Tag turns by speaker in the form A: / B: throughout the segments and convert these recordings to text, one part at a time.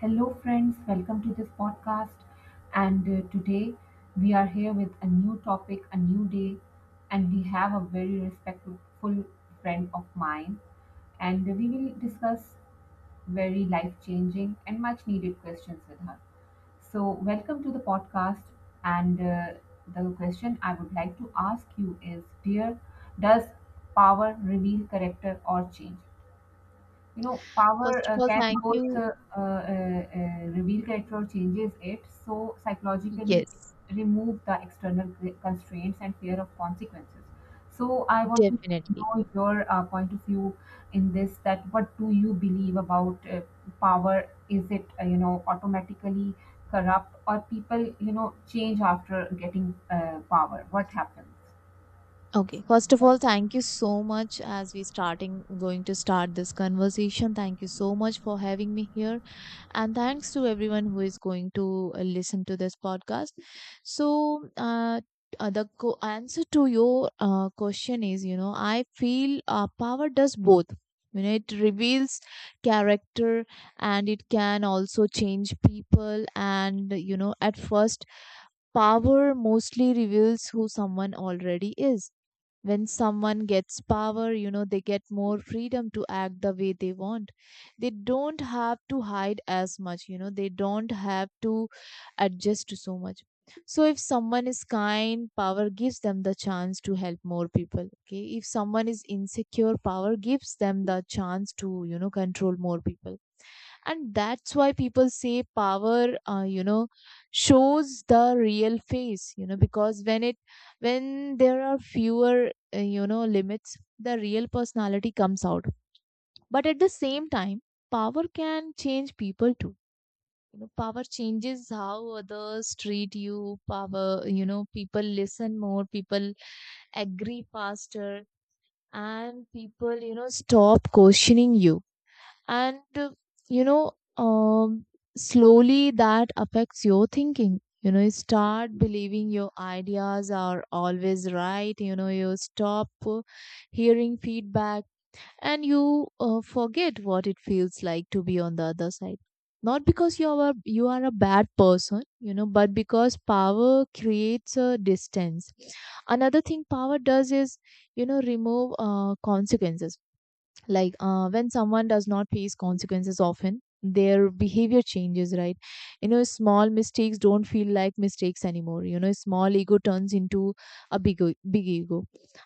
A: Hello, friends, welcome to this podcast. And Today we are here with a new topic, a new day, and we have a very respectful friend of mine. And we will discuss very life changing and much needed questions with her. So, welcome to the podcast. And The question I would like to ask you is: Dear, does power reveal character or change? You know, power
B: First of all,
A: can
B: thank
A: both
B: you.
A: reveal character or changes it. So psychologically,
B: Yes,
A: remove the external constraints and fear of consequences, so I want to
B: definitely.
A: know your point of view in this, that what do you believe about power? Is it, you know, automatically corrupt, or people, you know, change after getting power? What happens?
B: Okay. First of all, thank you so much as we starting going to start this conversation. Thank you so much for having me here and thanks to everyone who is going to listen to this podcast. So, uh, answer to your question is, I feel power does both. You know, it reveals character and it can also change people. And, you know, at first, power mostly reveals who someone already is. When someone gets power, you know, they get more freedom to act the way they want. They don't have to hide as much, you know, they don't have to adjust to so much. So, if someone is kind, power gives them the chance to help more people. Okay. If someone is insecure, power gives them the chance to, you know, control more people, and that's why people say power you know shows the real face, you know, because when there are fewer you know limits, the real personality comes out. But at the same time, power can change people too. You know, power changes how others treat you. Power, you know, people listen more, people agree faster, and people you know stop questioning you. And you know um, slowly that affects your thinking. You know, you start believing your ideas are always right. You know, you stop hearing feedback, and you forget what it feels like to be on the other side. Not because you are a bad person, you know, but because power creates a distance. Another thing power does is, you know, remove consequences. Like when someone does not face consequences often, their behavior changes, right? You know, small mistakes don't feel like mistakes anymore. You know, small ego turns into a big ego,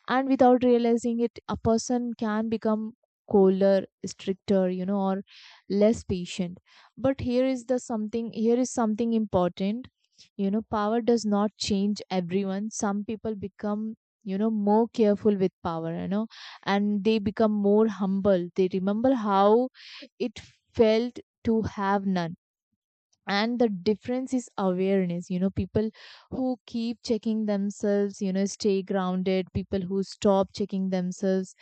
B: and without realizing it, a person can become colder, stricter, you know, or less patient. But here is something important. You know, power does not change everyone. Some people become, you know, more careful with power, you know, and they become more humble. They remember how it felt to have none. And the difference is awareness. You know, people who keep checking themselves, you know, stay grounded. People who stop checking themselves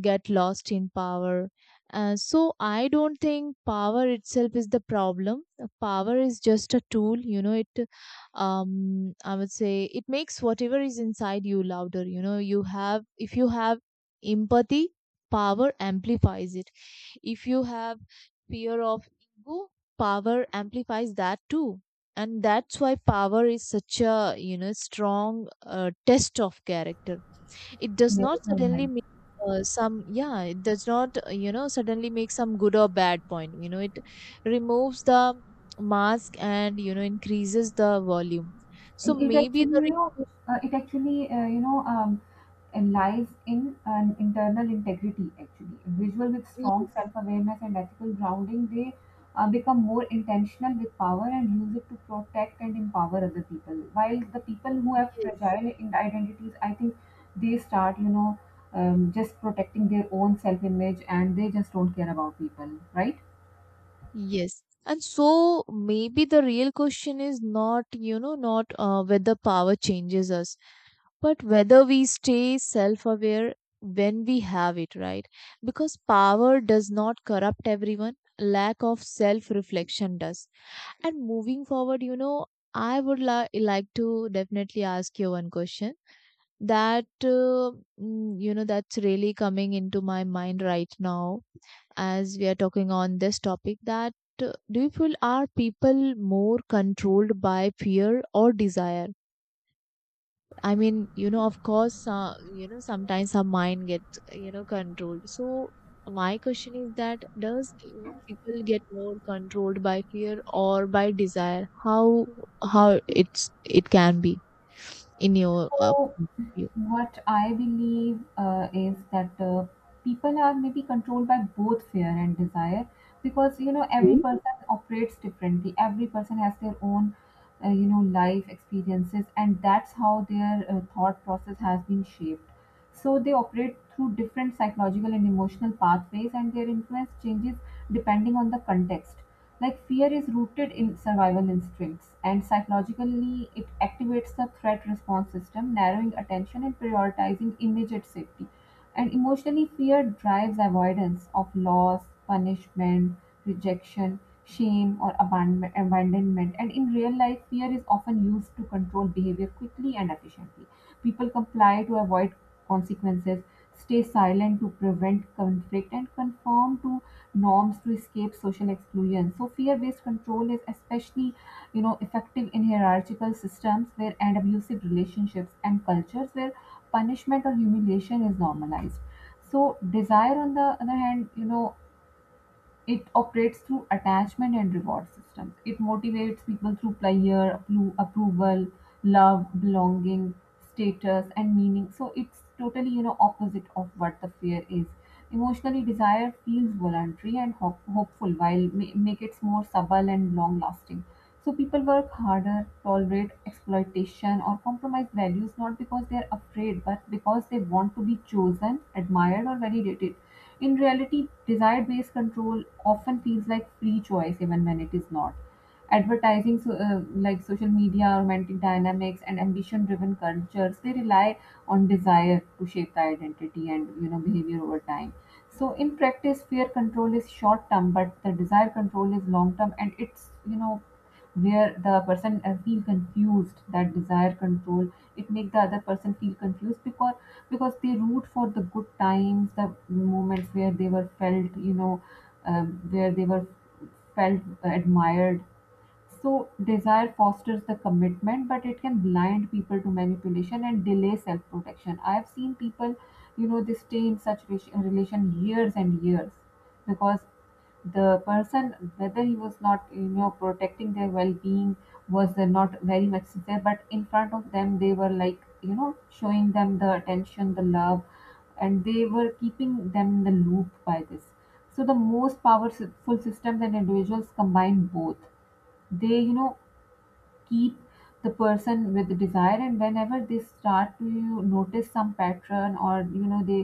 B: get lost in power. So I don't think power itself is the problem. Power is just a tool, you know. I would say, it makes whatever is inside you louder. You know, you have if you have empathy, power amplifies it. If you have fear of ego, power amplifies that too. And that's why power is such a you know strong test of character. It does
A: Yes,
B: not
A: you're right.
B: suddenly make some, Yeah, it does not, you know, suddenly make some good or bad point. You know, it removes the mask and, you know, increases the volume. So
A: It
B: maybe
A: actually,
B: the
A: you know,
B: real
A: it actually, and lies in an internal integrity, actually visual with
B: Question,
A: strong
B: yes,
A: self-awareness and ethical grounding. They become more intentional with power and use it to protect and empower other people, while the people who have
B: yes,
A: fragile identities, I think, they start, you know, just protecting their own self-image, and they just don't care about people, right?
B: yes. And so maybe the real question is not, you know, not whether power changes us, but whether we stay self aware when we have it, right? Because power does not corrupt everyone, lack of self reflection does. And moving forward, you know, I would like to definitely ask you one question that, you know, that's really coming into my mind right now as we are talking on this topic, that do you feel are people more controlled by fear or desire? I mean, you know, of course, you know, sometimes our mind gets, you know, controlled. So my question is that does you know, people get more controlled by fear or by desire? How it can be in your
A: So,
B: view?
A: what I believe is that people are maybe controlled by both fear and desire, because, you know, every
B: Okay.
A: person operates differently. Every person has their own, you know, life experiences, and that's how their thought process has been shaped. So they operate through different psychological and emotional pathways, and their influence changes depending on the context. Like, fear is rooted in survival instincts, and psychologically, it activates the threat response system, narrowing attention and prioritizing immediate safety. And emotionally, fear drives avoidance of loss, punishment, rejection, shame, or abandonment. And in real life, fear is often used to control behavior quickly and efficiently. People comply to avoid consequences, stay silent to prevent conflict, and conform to norms to escape social exclusion. So fear-based control is especially, you know, effective in hierarchical systems where and abusive relationships and cultures where punishment or humiliation is normalized. So desire, on the other hand, you know, it operates through attachment and reward systems. It motivates people through pleasure, approval, love, belonging, status, and meaning. So it's totally, you know, opposite of what the fear is. Emotionally, desire feels voluntary and hopeful, while make it more subtle and long lasting. So people work harder, tolerate exploitation, or compromise values not because they are afraid, but because they want to be chosen, admired, or validated. In reality, desire based control often feels like free choice, even when it is not. Advertising, so, like social media, romantic dynamics, and ambition driven cultures, they rely on desire to shape the identity and, you know, behavior over time. So in practice, fear control is short term, but the desire control is long term, and it's, you know, where the person feel confused. That desire control, it make the other person feel confused, because they root for the good times, the moments where they were felt, you know, where they were felt, admired. So desire fosters the commitment, but it can blind people to manipulation and delay self-protection. I have seen people, you know, they stay in such relation years and years, because the person, whether he was not, you know, protecting their well-being, was, not very much there, but in front of them they were like, you know, showing them the attention, the love, and they were keeping them in the loop by this. So the most powerful systems and individuals combine both で, you know, keep the person with the desire, and whenever they start to you notice some pattern, or, you know, they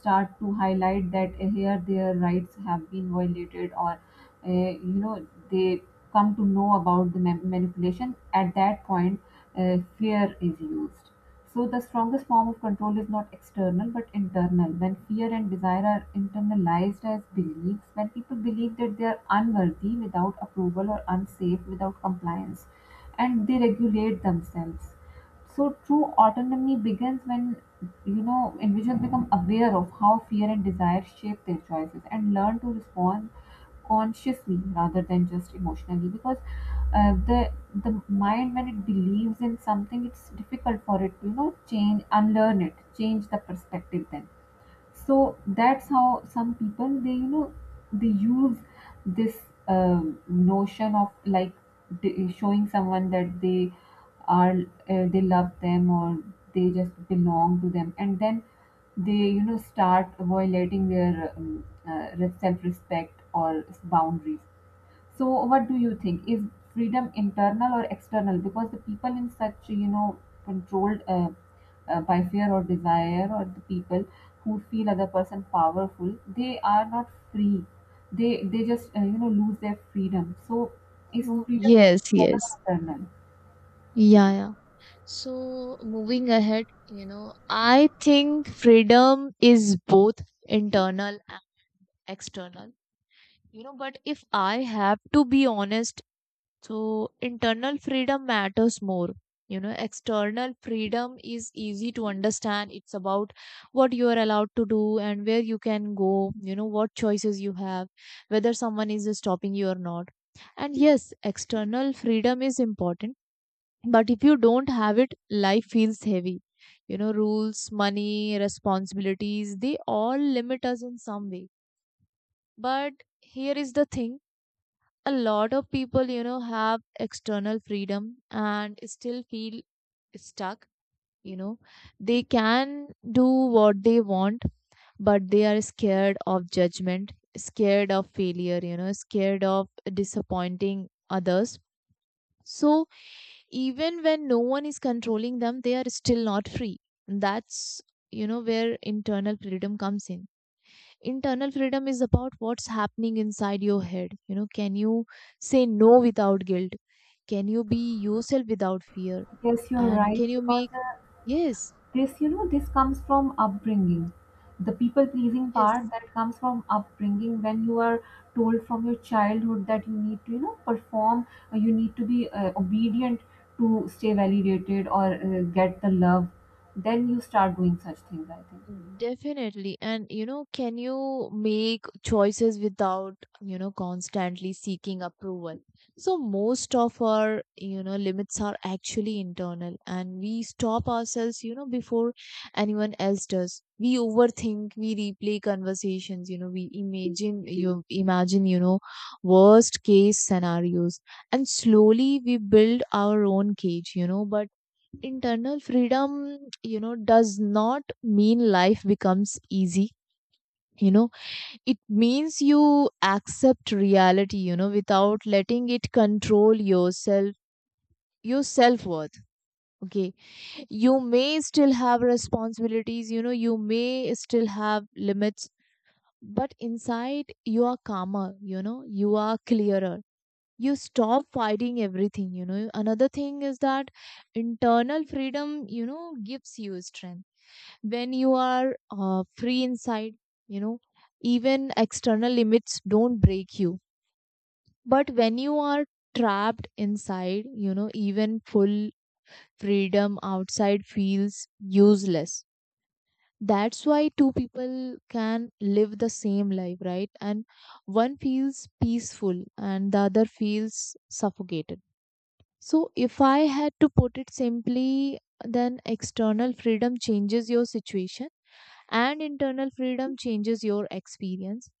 A: start to highlight that, here their rights have been violated, or, uh, you know they come to know about the manipulation, at that point fear is used. So the strongest form of control is not external but internal. When fear and desire are internalized as beliefs, when people believe that they are unworthy without approval or unsafe without compliance, and they regulate themselves. So true autonomy begins when, you know, individuals become aware of how fear and desire shape their choices and learn to respond consciously rather than just emotionally, because the mind, when it believes in something, it's difficult for it to, you know, change, unlearn it, change the perspective then. So that's how some people, they, you know, they use this, um, notion of, like, showing someone that they are, they love them, or they just belong to them, and then they, you know, start violating their self-respect or boundaries. So what do you think? Is freedom internal or external? Because the people in such, you know, controlled, by fear or desire, or the people who feel other person powerful, they are not free. They just, you know, lose their freedom. So, is
B: Oh,
A: freedom
B: yes,
A: external or
B: yes.
A: internal?
B: Yeah, yeah. So moving ahead, you know, I think freedom is both internal and external. You know, but if I have to be honest, so internal freedom matters more. You know, external freedom is easy to understand. It's about what you are allowed to do and where you can go, you know, what choices you have, whether someone is stopping you or not. And yes, external freedom is important, but if you don't have it, life feels heavy. You know, rules, money, responsibilities, they all limit us in some way. But here is the thing, a lot of people you know have external freedom and still feel stuck. You know, they can do what they want, but they are scared of judgment, scared of failure, you know, scared of disappointing others. So even when no one is controlling them, they are still not free. That's, you know, where internal freedom comes in. Internal freedom is about what's happening inside your head. You know, can you say no without guilt? Can you be yourself without fear?
A: Yes, you're
B: And
A: right
B: can you
A: because.
B: make, yes,
A: This, you know, this comes from upbringing. The people pleasing part
B: yes,
A: that comes from upbringing, when you are told from your childhood that you need to, you know, perform, you need to be obedient, to stay validated or get the love. Then you start doing such things, I think.
B: definitely. And you know, can you make choices without, you know, constantly seeking approval? So most of our, you know, limits are actually internal, and we stop ourselves, you know, before anyone else does. We overthink, we replay conversations, you know, we imagine, you know, worst case scenarios. And slowly we build our own cage, you know, but internal freedom you know does not mean life becomes easy. You know, it means you accept reality, you know, without letting it control yourself, your self-worth. Okay. You may still have responsibilities, you know, you may still have limits, but inside you are calmer, you know, you are clearer. You stop fighting everything. You know, another thing is that internal freedom, you know, gives you strength. When you are free inside, you know, even external limits don't break you. But when you are trapped inside, you know, even full freedom outside feels useless. That's why two people can live the same life, right, and one feels peaceful and the other feels suffocated. So if I had to put it simply, then external freedom changes your situation and internal freedom changes your experience,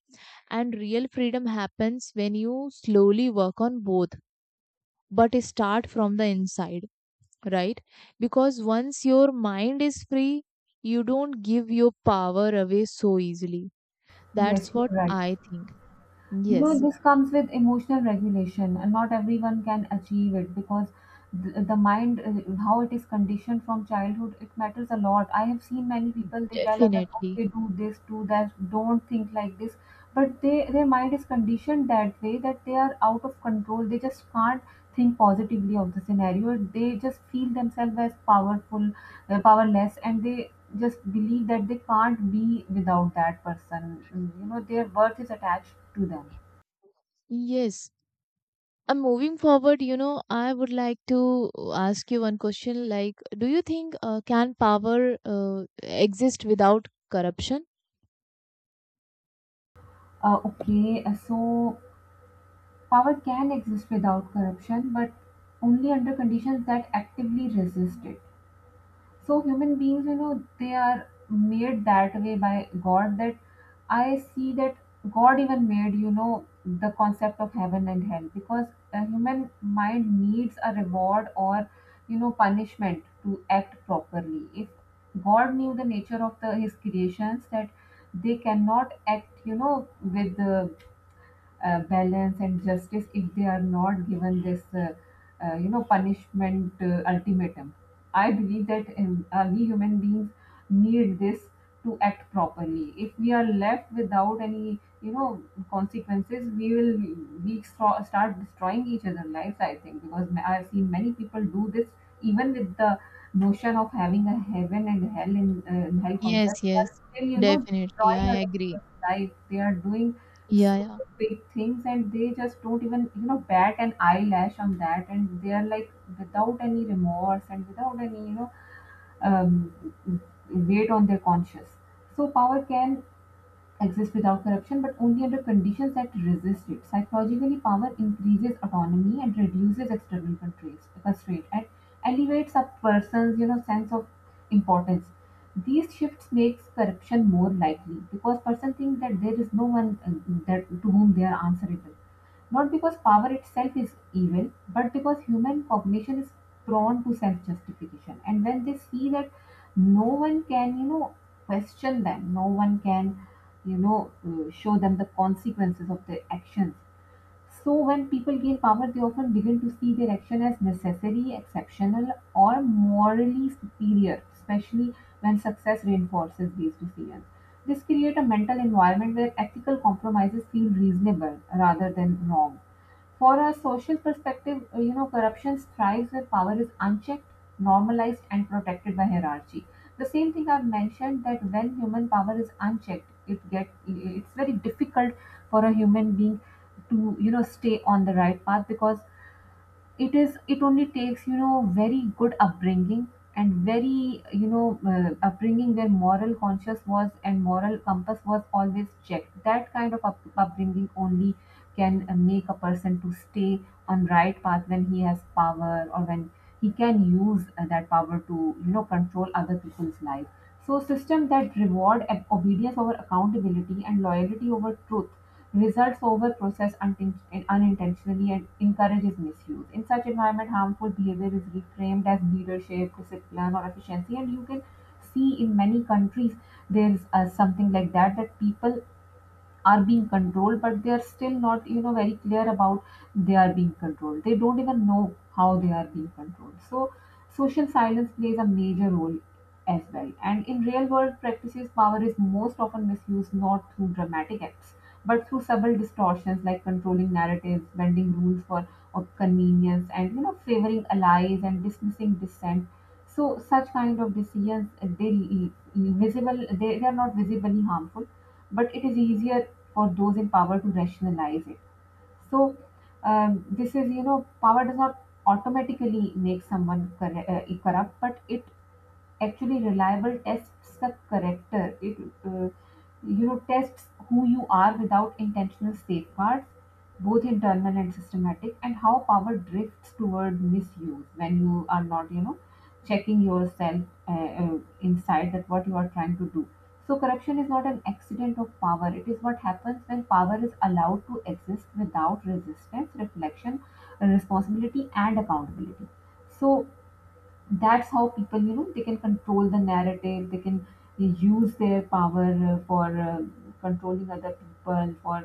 B: and real freedom happens when you slowly work on both, but start from the inside, right? Because once your mind is free, you don't give your power away so easily.
A: Yes,
B: That's
A: you're
B: what
A: right.
B: I think.
A: You know,
B: Yes,
A: this comes with emotional regulation, and not everyone can achieve it, because the mind, how it is conditioned from childhood, it matters a lot. I have seen many people, they tell others,
B: definitely,
A: okay, do this, do that, don't think like this, but they, their mind is conditioned that way, that they are out of control. They just can't think positively of the scenario. They just feel themselves as powerful, powerless, and they just believe that they can't be without that person. Mm, you know, their worth is attached to them.
B: yes. And moving forward, you know, I would like to ask you one question, like, do you think can power exist without corruption?
A: Okay, so power can exist without corruption, but only under conditions that actively resist it. So human beings, you know, they are made that way by God. That I see that God even made, you know, the concept of heaven and hell, because the human mind needs a reward or, you know, punishment to act properly. If God knew the nature of the His creations, that they cannot act, you know, with balance and justice if they are not given this, punishment ultimatum. I believe that, we human beings need this to act properly. If we are left without any, you know, consequences, we will, we start destroying each other's lives, I think, because I've seen many people do this. Even with the notion of having a heaven and hell in hell
B: Yes,
A: concept, they
B: yes,
A: still, you know,
B: definitely.
A: destroying
B: I
A: other
B: agree.
A: people's life. They are doing
B: Yeah,
A: so
B: yeah.
A: big things, and they just don't even, you know, bat an eyelash on that, and they are like without any remorse and without any, um, weight on their conscience. So power can exists without corruption, but only under conditions that resist it. Psychologically, power increases autonomy, and reduces external constraints, constraint, and elevates a person's, you know, sense of importance. These shifts makes corruption more likely, because person think that there is no one, that to whom they are answerable. Not because power itself is evil, but because human cognition is prone to self-justification. And when they see that no one can, you know, question them, no one can, you know, show them the consequences of their actions. So when people gain power, they often begin to see their action as necessary, exceptional, or morally superior, especially when success reinforces these decisions. This creates a mental environment where ethical compromises feel reasonable rather than wrong. For a social perspective, you know, corruption thrives where power is unchecked, normalized, and protected by hierarchy. The same thing I've mentioned, that when human power is unchecked, it get it's very difficult for a human being to, you know, stay on the right path, because it is, it only takes, you know, very good upbringing and very, you know, upbringing where moral conscious was and moral compass was always checked. That kind of upbringing only can make a person to stay on right path when he has power, or when he can use, that power to, you know, control other people's life. So system that reward obedience over accountability, and loyalty over truth, results over process, and unintentionally and encourages misuse. In such environment, harmful behavior is reframed as leadership, discipline, or efficiency, and you can see in many countries there is something like that, that people are being controlled but they are still not very clear about they are being controlled. They don't even know how they are being controlled. So social silence plays a major role as well. And in real world practices, power is most often misused not through dramatic acts but through subtle distortions like controlling narratives, bending rules for or convenience, and favoring allies and dismissing dissent. So such kind of decisions, they visible, they are not visibly harmful, but it is easier for those in power to rationalize it. So this is, you know, power does not automatically make someone corrupt, but it actually reliable tests the character. It, uh, you know, tests who you are without intentional safeguards, both internal and systematic, and how power drifts toward misuse when you are not, you know, checking yourself inside that what you are trying to do. So corruption is not an accident of power. It is what happens when power is allowed to exist without resistance, reflection, responsibility, and accountability. So that's how people, you know, they can control the narrative. They can use their power for controlling other people, for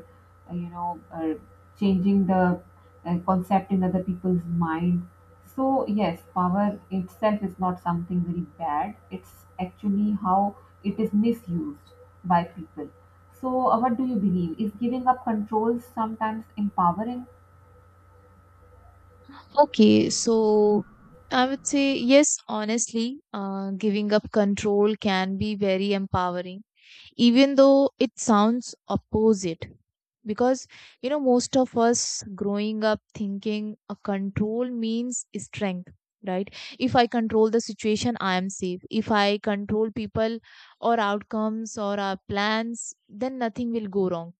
A: uh, you know uh, changing the concept in other people's mind. So yes, power itself is not something very bad. It's actually how it is misused by people. So what do you believe is giving up control sometimes empowering?
B: Okay, so I would say, yes, honestly, giving up control can be very empowering, even though it sounds opposite. Because, you know, most of us growing up thinking a control means strength, right? If I control the situation, I am safe. If I control people or outcomes or our plans, then nothing will go wrong.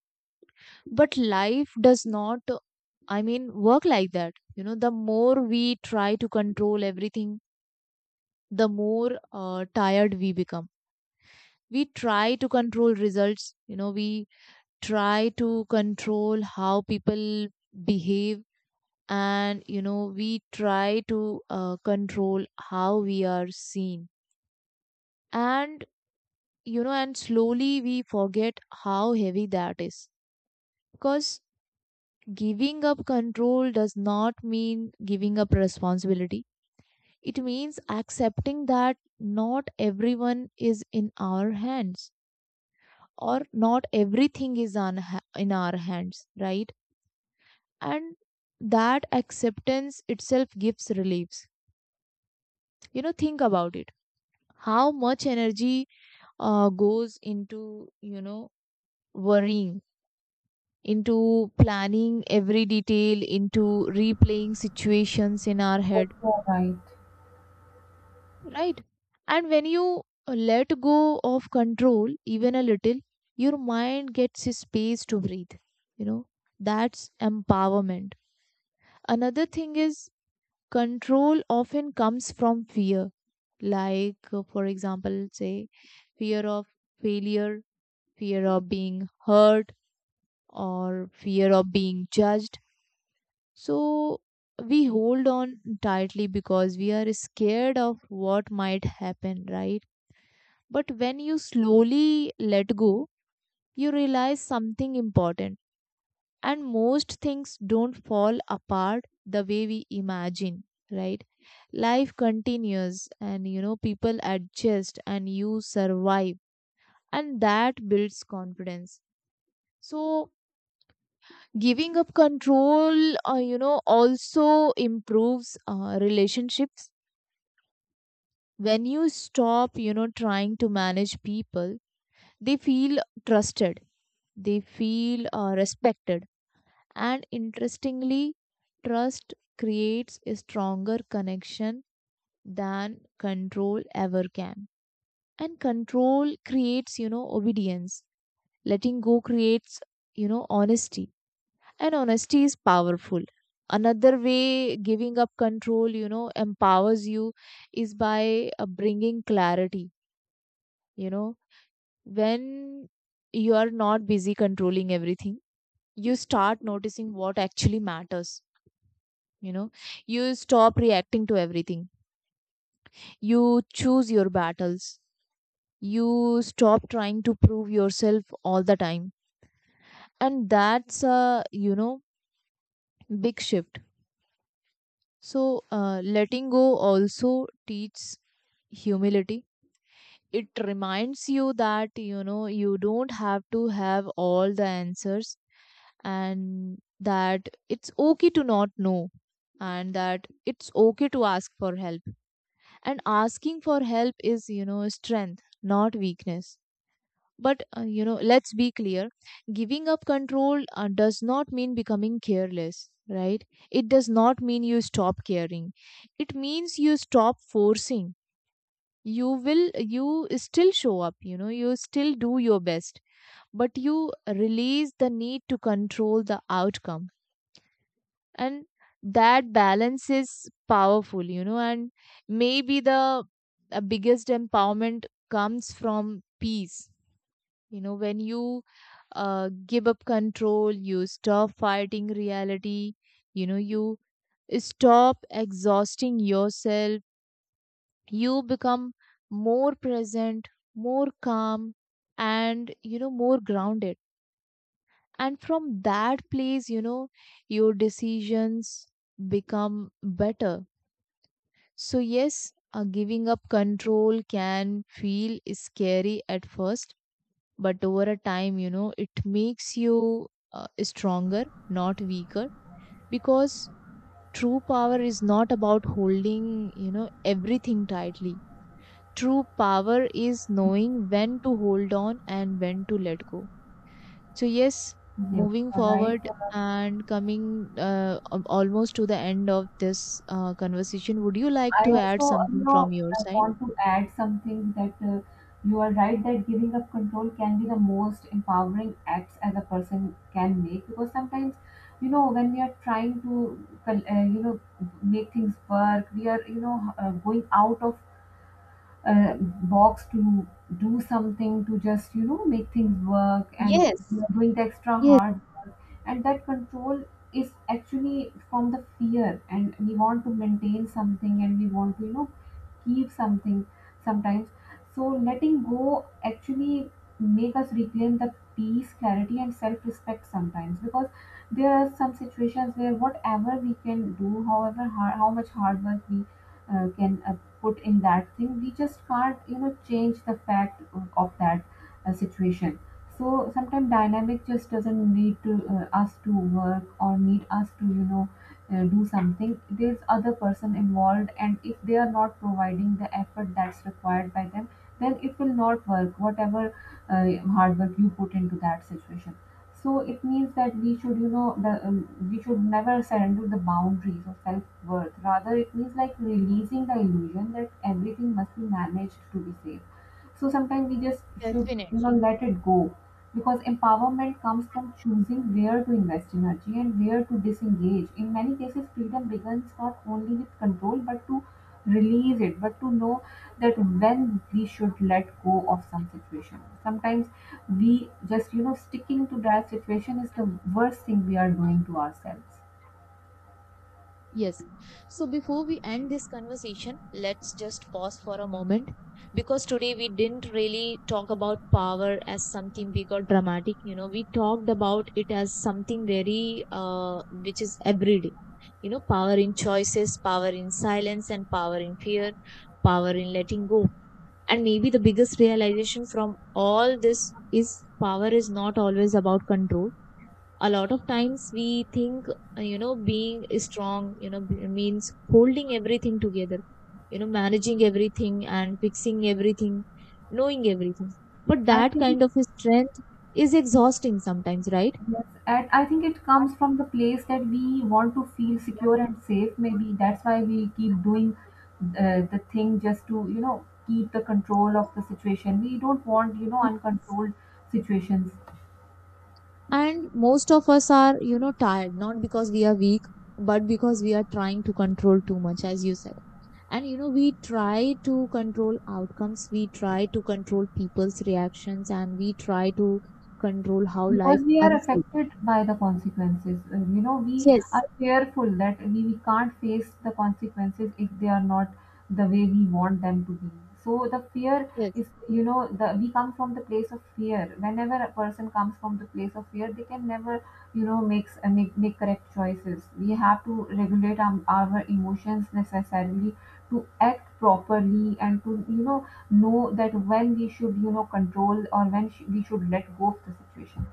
B: But life does not, I mean, work like that. You know, the more we try to control everything, the more tired we become. We try to control results, you know, we try to control how people behave, and you know, we try to control how we are seen, and you know, and slowly we forget how heavy that is. Because giving up control does not mean giving up responsibility. It means accepting that not everyone is in our hands, or not everything is in our hands, right? And that acceptance itself gives reliefs. You know, think about it. How much energy goes into, you know, worrying, into planning every detail, into replaying situations in our
A: Yes,
B: head,
A: you are right.
B: right? And when you let go of control even a little, your mind gets a space to breathe. You know, that's empowerment. Another thing is, control often comes from fear. Like for example, say fear of failure, fear of being hurt, or fear of being judged. So we hold on tightly because we are scared of what might happen, right? But when you slowly let go, you realize something important. And most things don't fall apart the way we imagine, right? Life continues, and you know, people adjust, and you survive, and that builds confidence. So, giving up control, you know, also improves relationships. When you stop, you know, trying to manage people, they feel trusted, they feel respected, and interestingly, trust creates a stronger connection than control ever can. And control creates, you know, obedience. Letting go creates, you know, honesty. And honesty is powerful. Another way giving up control, you know, empowers you is by bringing clarity. You know, when you are not busy controlling everything, you start noticing what actually matters you know you stop reacting to everything. You choose your battles. You stop trying to prove yourself all the time. And that's a big shift. So, letting go also teaches humility. It reminds you that you don't have to have all the answers, and that it's okay to not know, and that it's okay to ask for help. And asking for help is strength, not weakness. But let's be clear: giving up control does not mean becoming careless, right? It does not mean you stop caring. It means you stop forcing. You still show up, you still do your best, but you release the need to control the outcome. And that balance is powerful. And maybe the biggest empowerment comes from peace. When you give up control, you stop fighting reality. You stop exhausting yourself. You become more present, more calm, and more grounded. And from that place, your decisions become better. So, yes, giving up control can feel scary at first, but over a time, it makes you stronger, not weaker, because true power is not about holding, everything tightly. True power is knowing when to hold on and when to let go. So, yes,
A: Yes, you
B: moving
A: are right.
B: forward and coming almost to the end of this conversation, would you like
A: I
B: to add
A: also, you
B: something
A: know,
B: from your
A: I
B: side?
A: want to add something, that you are right that giving up control can be the most empowering acts as a person can make, because sometimes, you know, when we are trying to, you know, make things work, we are, you know, going out of box to do something, to just, you know, make things work, and we
B: Yes.
A: are doing the extra
B: Yes.
A: hard. And that control is actually from the fear, and we want to maintain something, and we want to, you know, keep something sometimes. So letting go actually make us reclaim the peace, clarity, and self-respect sometimes, because there are some situations where whatever we can do, however hard, how much hard work we can put in that thing, we just can't, you know, change the fact of that situation. So sometimes dynamic just doesn't need to us to work, or need us to, you know, do something. There's other person involved, and if they are not providing the effort that's required by them, then it will not work. Whatever uh, hard work you put into that situation. So it means that we should, you know, we should never surrender the boundaries of self worth. Rather, it means like releasing the illusion that everything must be managed to be safe. So sometimes we just should, you know,
B: Definitely.
A: let it go, because empowerment comes from choosing where to invest energy and where to disengage. In many cases, freedom begins not only with control but to release it, but to know that when we should let go of some situation. Sometimes we just, you know, sticking to that situation is the worst thing we are doing to ourselves.
B: Yes. So before we end this conversation, let's just pause for a moment, because today we didn't really talk about power as something big or dramatic. We talked about it as something very, which is everyday. Power in choices, power in silence, and power in fear, power in letting go. And maybe the biggest realization from all this is power is not always about control. A lot of times we think being strong means holding everything together, managing everything, and fixing everything, knowing everything, but
A: I
B: that
A: think
B: kind of strength is exhausting sometimes, right?
A: yes, and I think it comes from the place that we want to feel secure and safe. Maybe that's why we keep doing the thing, just to, you know, keep the control of the situation. We don't want, you know, uncontrolled situations.
B: And most of us are tired, not because we are weak, but because we are trying to control too much, as you said. And we try to control outcomes, we try to control people's reactions, and we try to control how life
A: Because we are
B: unfolds.
A: affected by the consequences. You know, we are
B: Yes.
A: fearful that we can't face the consequences if they are not the way we want them to be. So the fear
B: Yes.
A: is, you know, the we come from the place of fear. Whenever a person comes from the place of fear, they can never, you know, make correct choices. We have to regulate our emotions necessarily to act properly, and to, you know that when we should, you know, control, or when we should let go of the situation.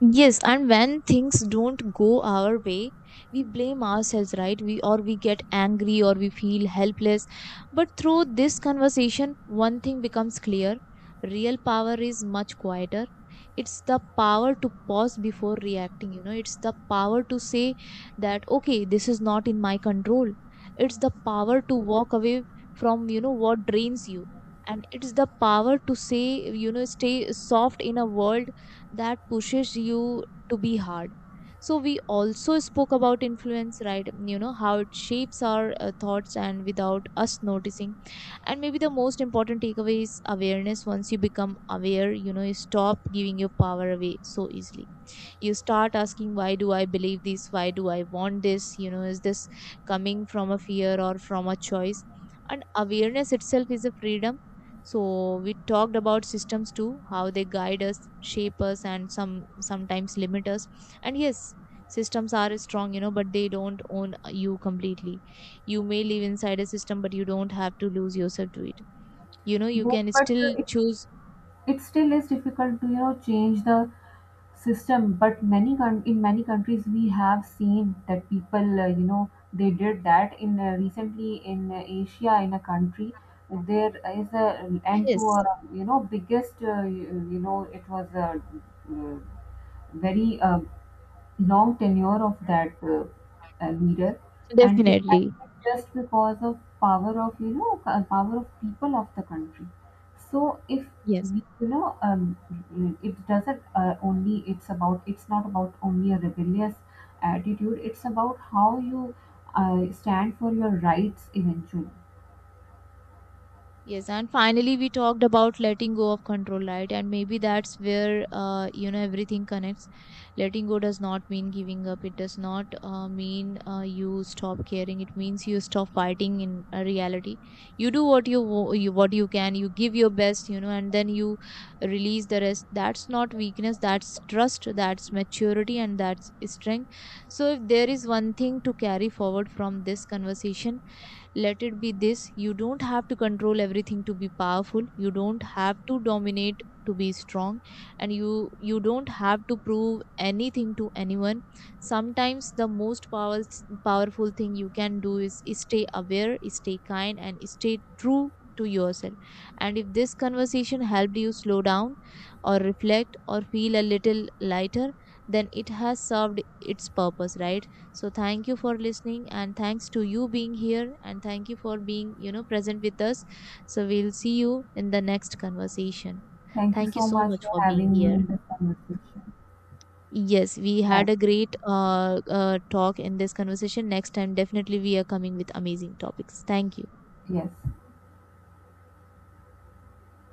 B: Yes, and when things don't go our way, we blame ourselves, right? We get angry or we feel helpless. But through this conversation, one thing becomes clear. Real power is much quieter. It's the power to pause before reacting. It's the power to say that, okay, this is not in my control. It's the power to walk away from, what drains you. And it's the power to say, stay soft in a world that pushes you to be hard. So we also spoke about influence, right? You know how it shapes our thoughts and without us noticing. And maybe the most important takeaway is awareness. Once you become aware, you stop giving your power away so easily. You start asking, why do I believe this? Why do I want this? Is this coming from a fear or from a choice? And awareness itself is a freedom. So we talked about systems too, how they guide us, shape us, and sometimes limit us. And yes, systems are strong, but they don't own you completely. You may live inside a system, but you don't have to lose yourself to it. You
A: Yes,
B: can
A: but
B: still choose.
A: it still is difficult to, you know, change the system. But many in many countries we have seen that people you know, they did that in recently in Asia, in a country there is a end to
B: Yes.
A: a, you know, biggest you, you know, it was a uh, very long tenure of that leader, and it
B: Definitely.
A: happened just because of power of, you know, power of people of the country. So if
B: Yes.
A: we, it doesn't only, it's about, it's not about only a rebellious attitude. It's about how you stand for your rights eventually.
B: Yes, and finally we talked about letting go of control, right? And maybe that's where everything connects. Letting go does not mean giving up. It does not mean you stop caring. It means you stop fighting in reality. You do what you can. You give your best, and then you release the rest. That's not weakness. That's trust. That's maturity, and that's strength. So if there is one thing to carry forward from this conversation, let it be this: you don't have to control everything to be powerful. You don't have to dominate to be strong, and you don't have to prove anything to anyone. Sometimes the most powerful thing you can do is stay aware, stay kind, and stay true to yourself. And if this conversation helped you slow down or reflect or feel a little lighter, then it has served its purpose, right? So thank you for listening, and thanks to you being here, and thank you for being, present with us. So we'll see you in the next conversation.
A: Thank you
B: Thank you
A: so
B: so
A: much
B: much
A: for
B: for being
A: having me
B: here.
A: in this conversation.
B: Yes, we had
A: Have-
B: a great talk in this conversation. Next time, definitely we are coming with amazing topics. Thank you.
A: Yes.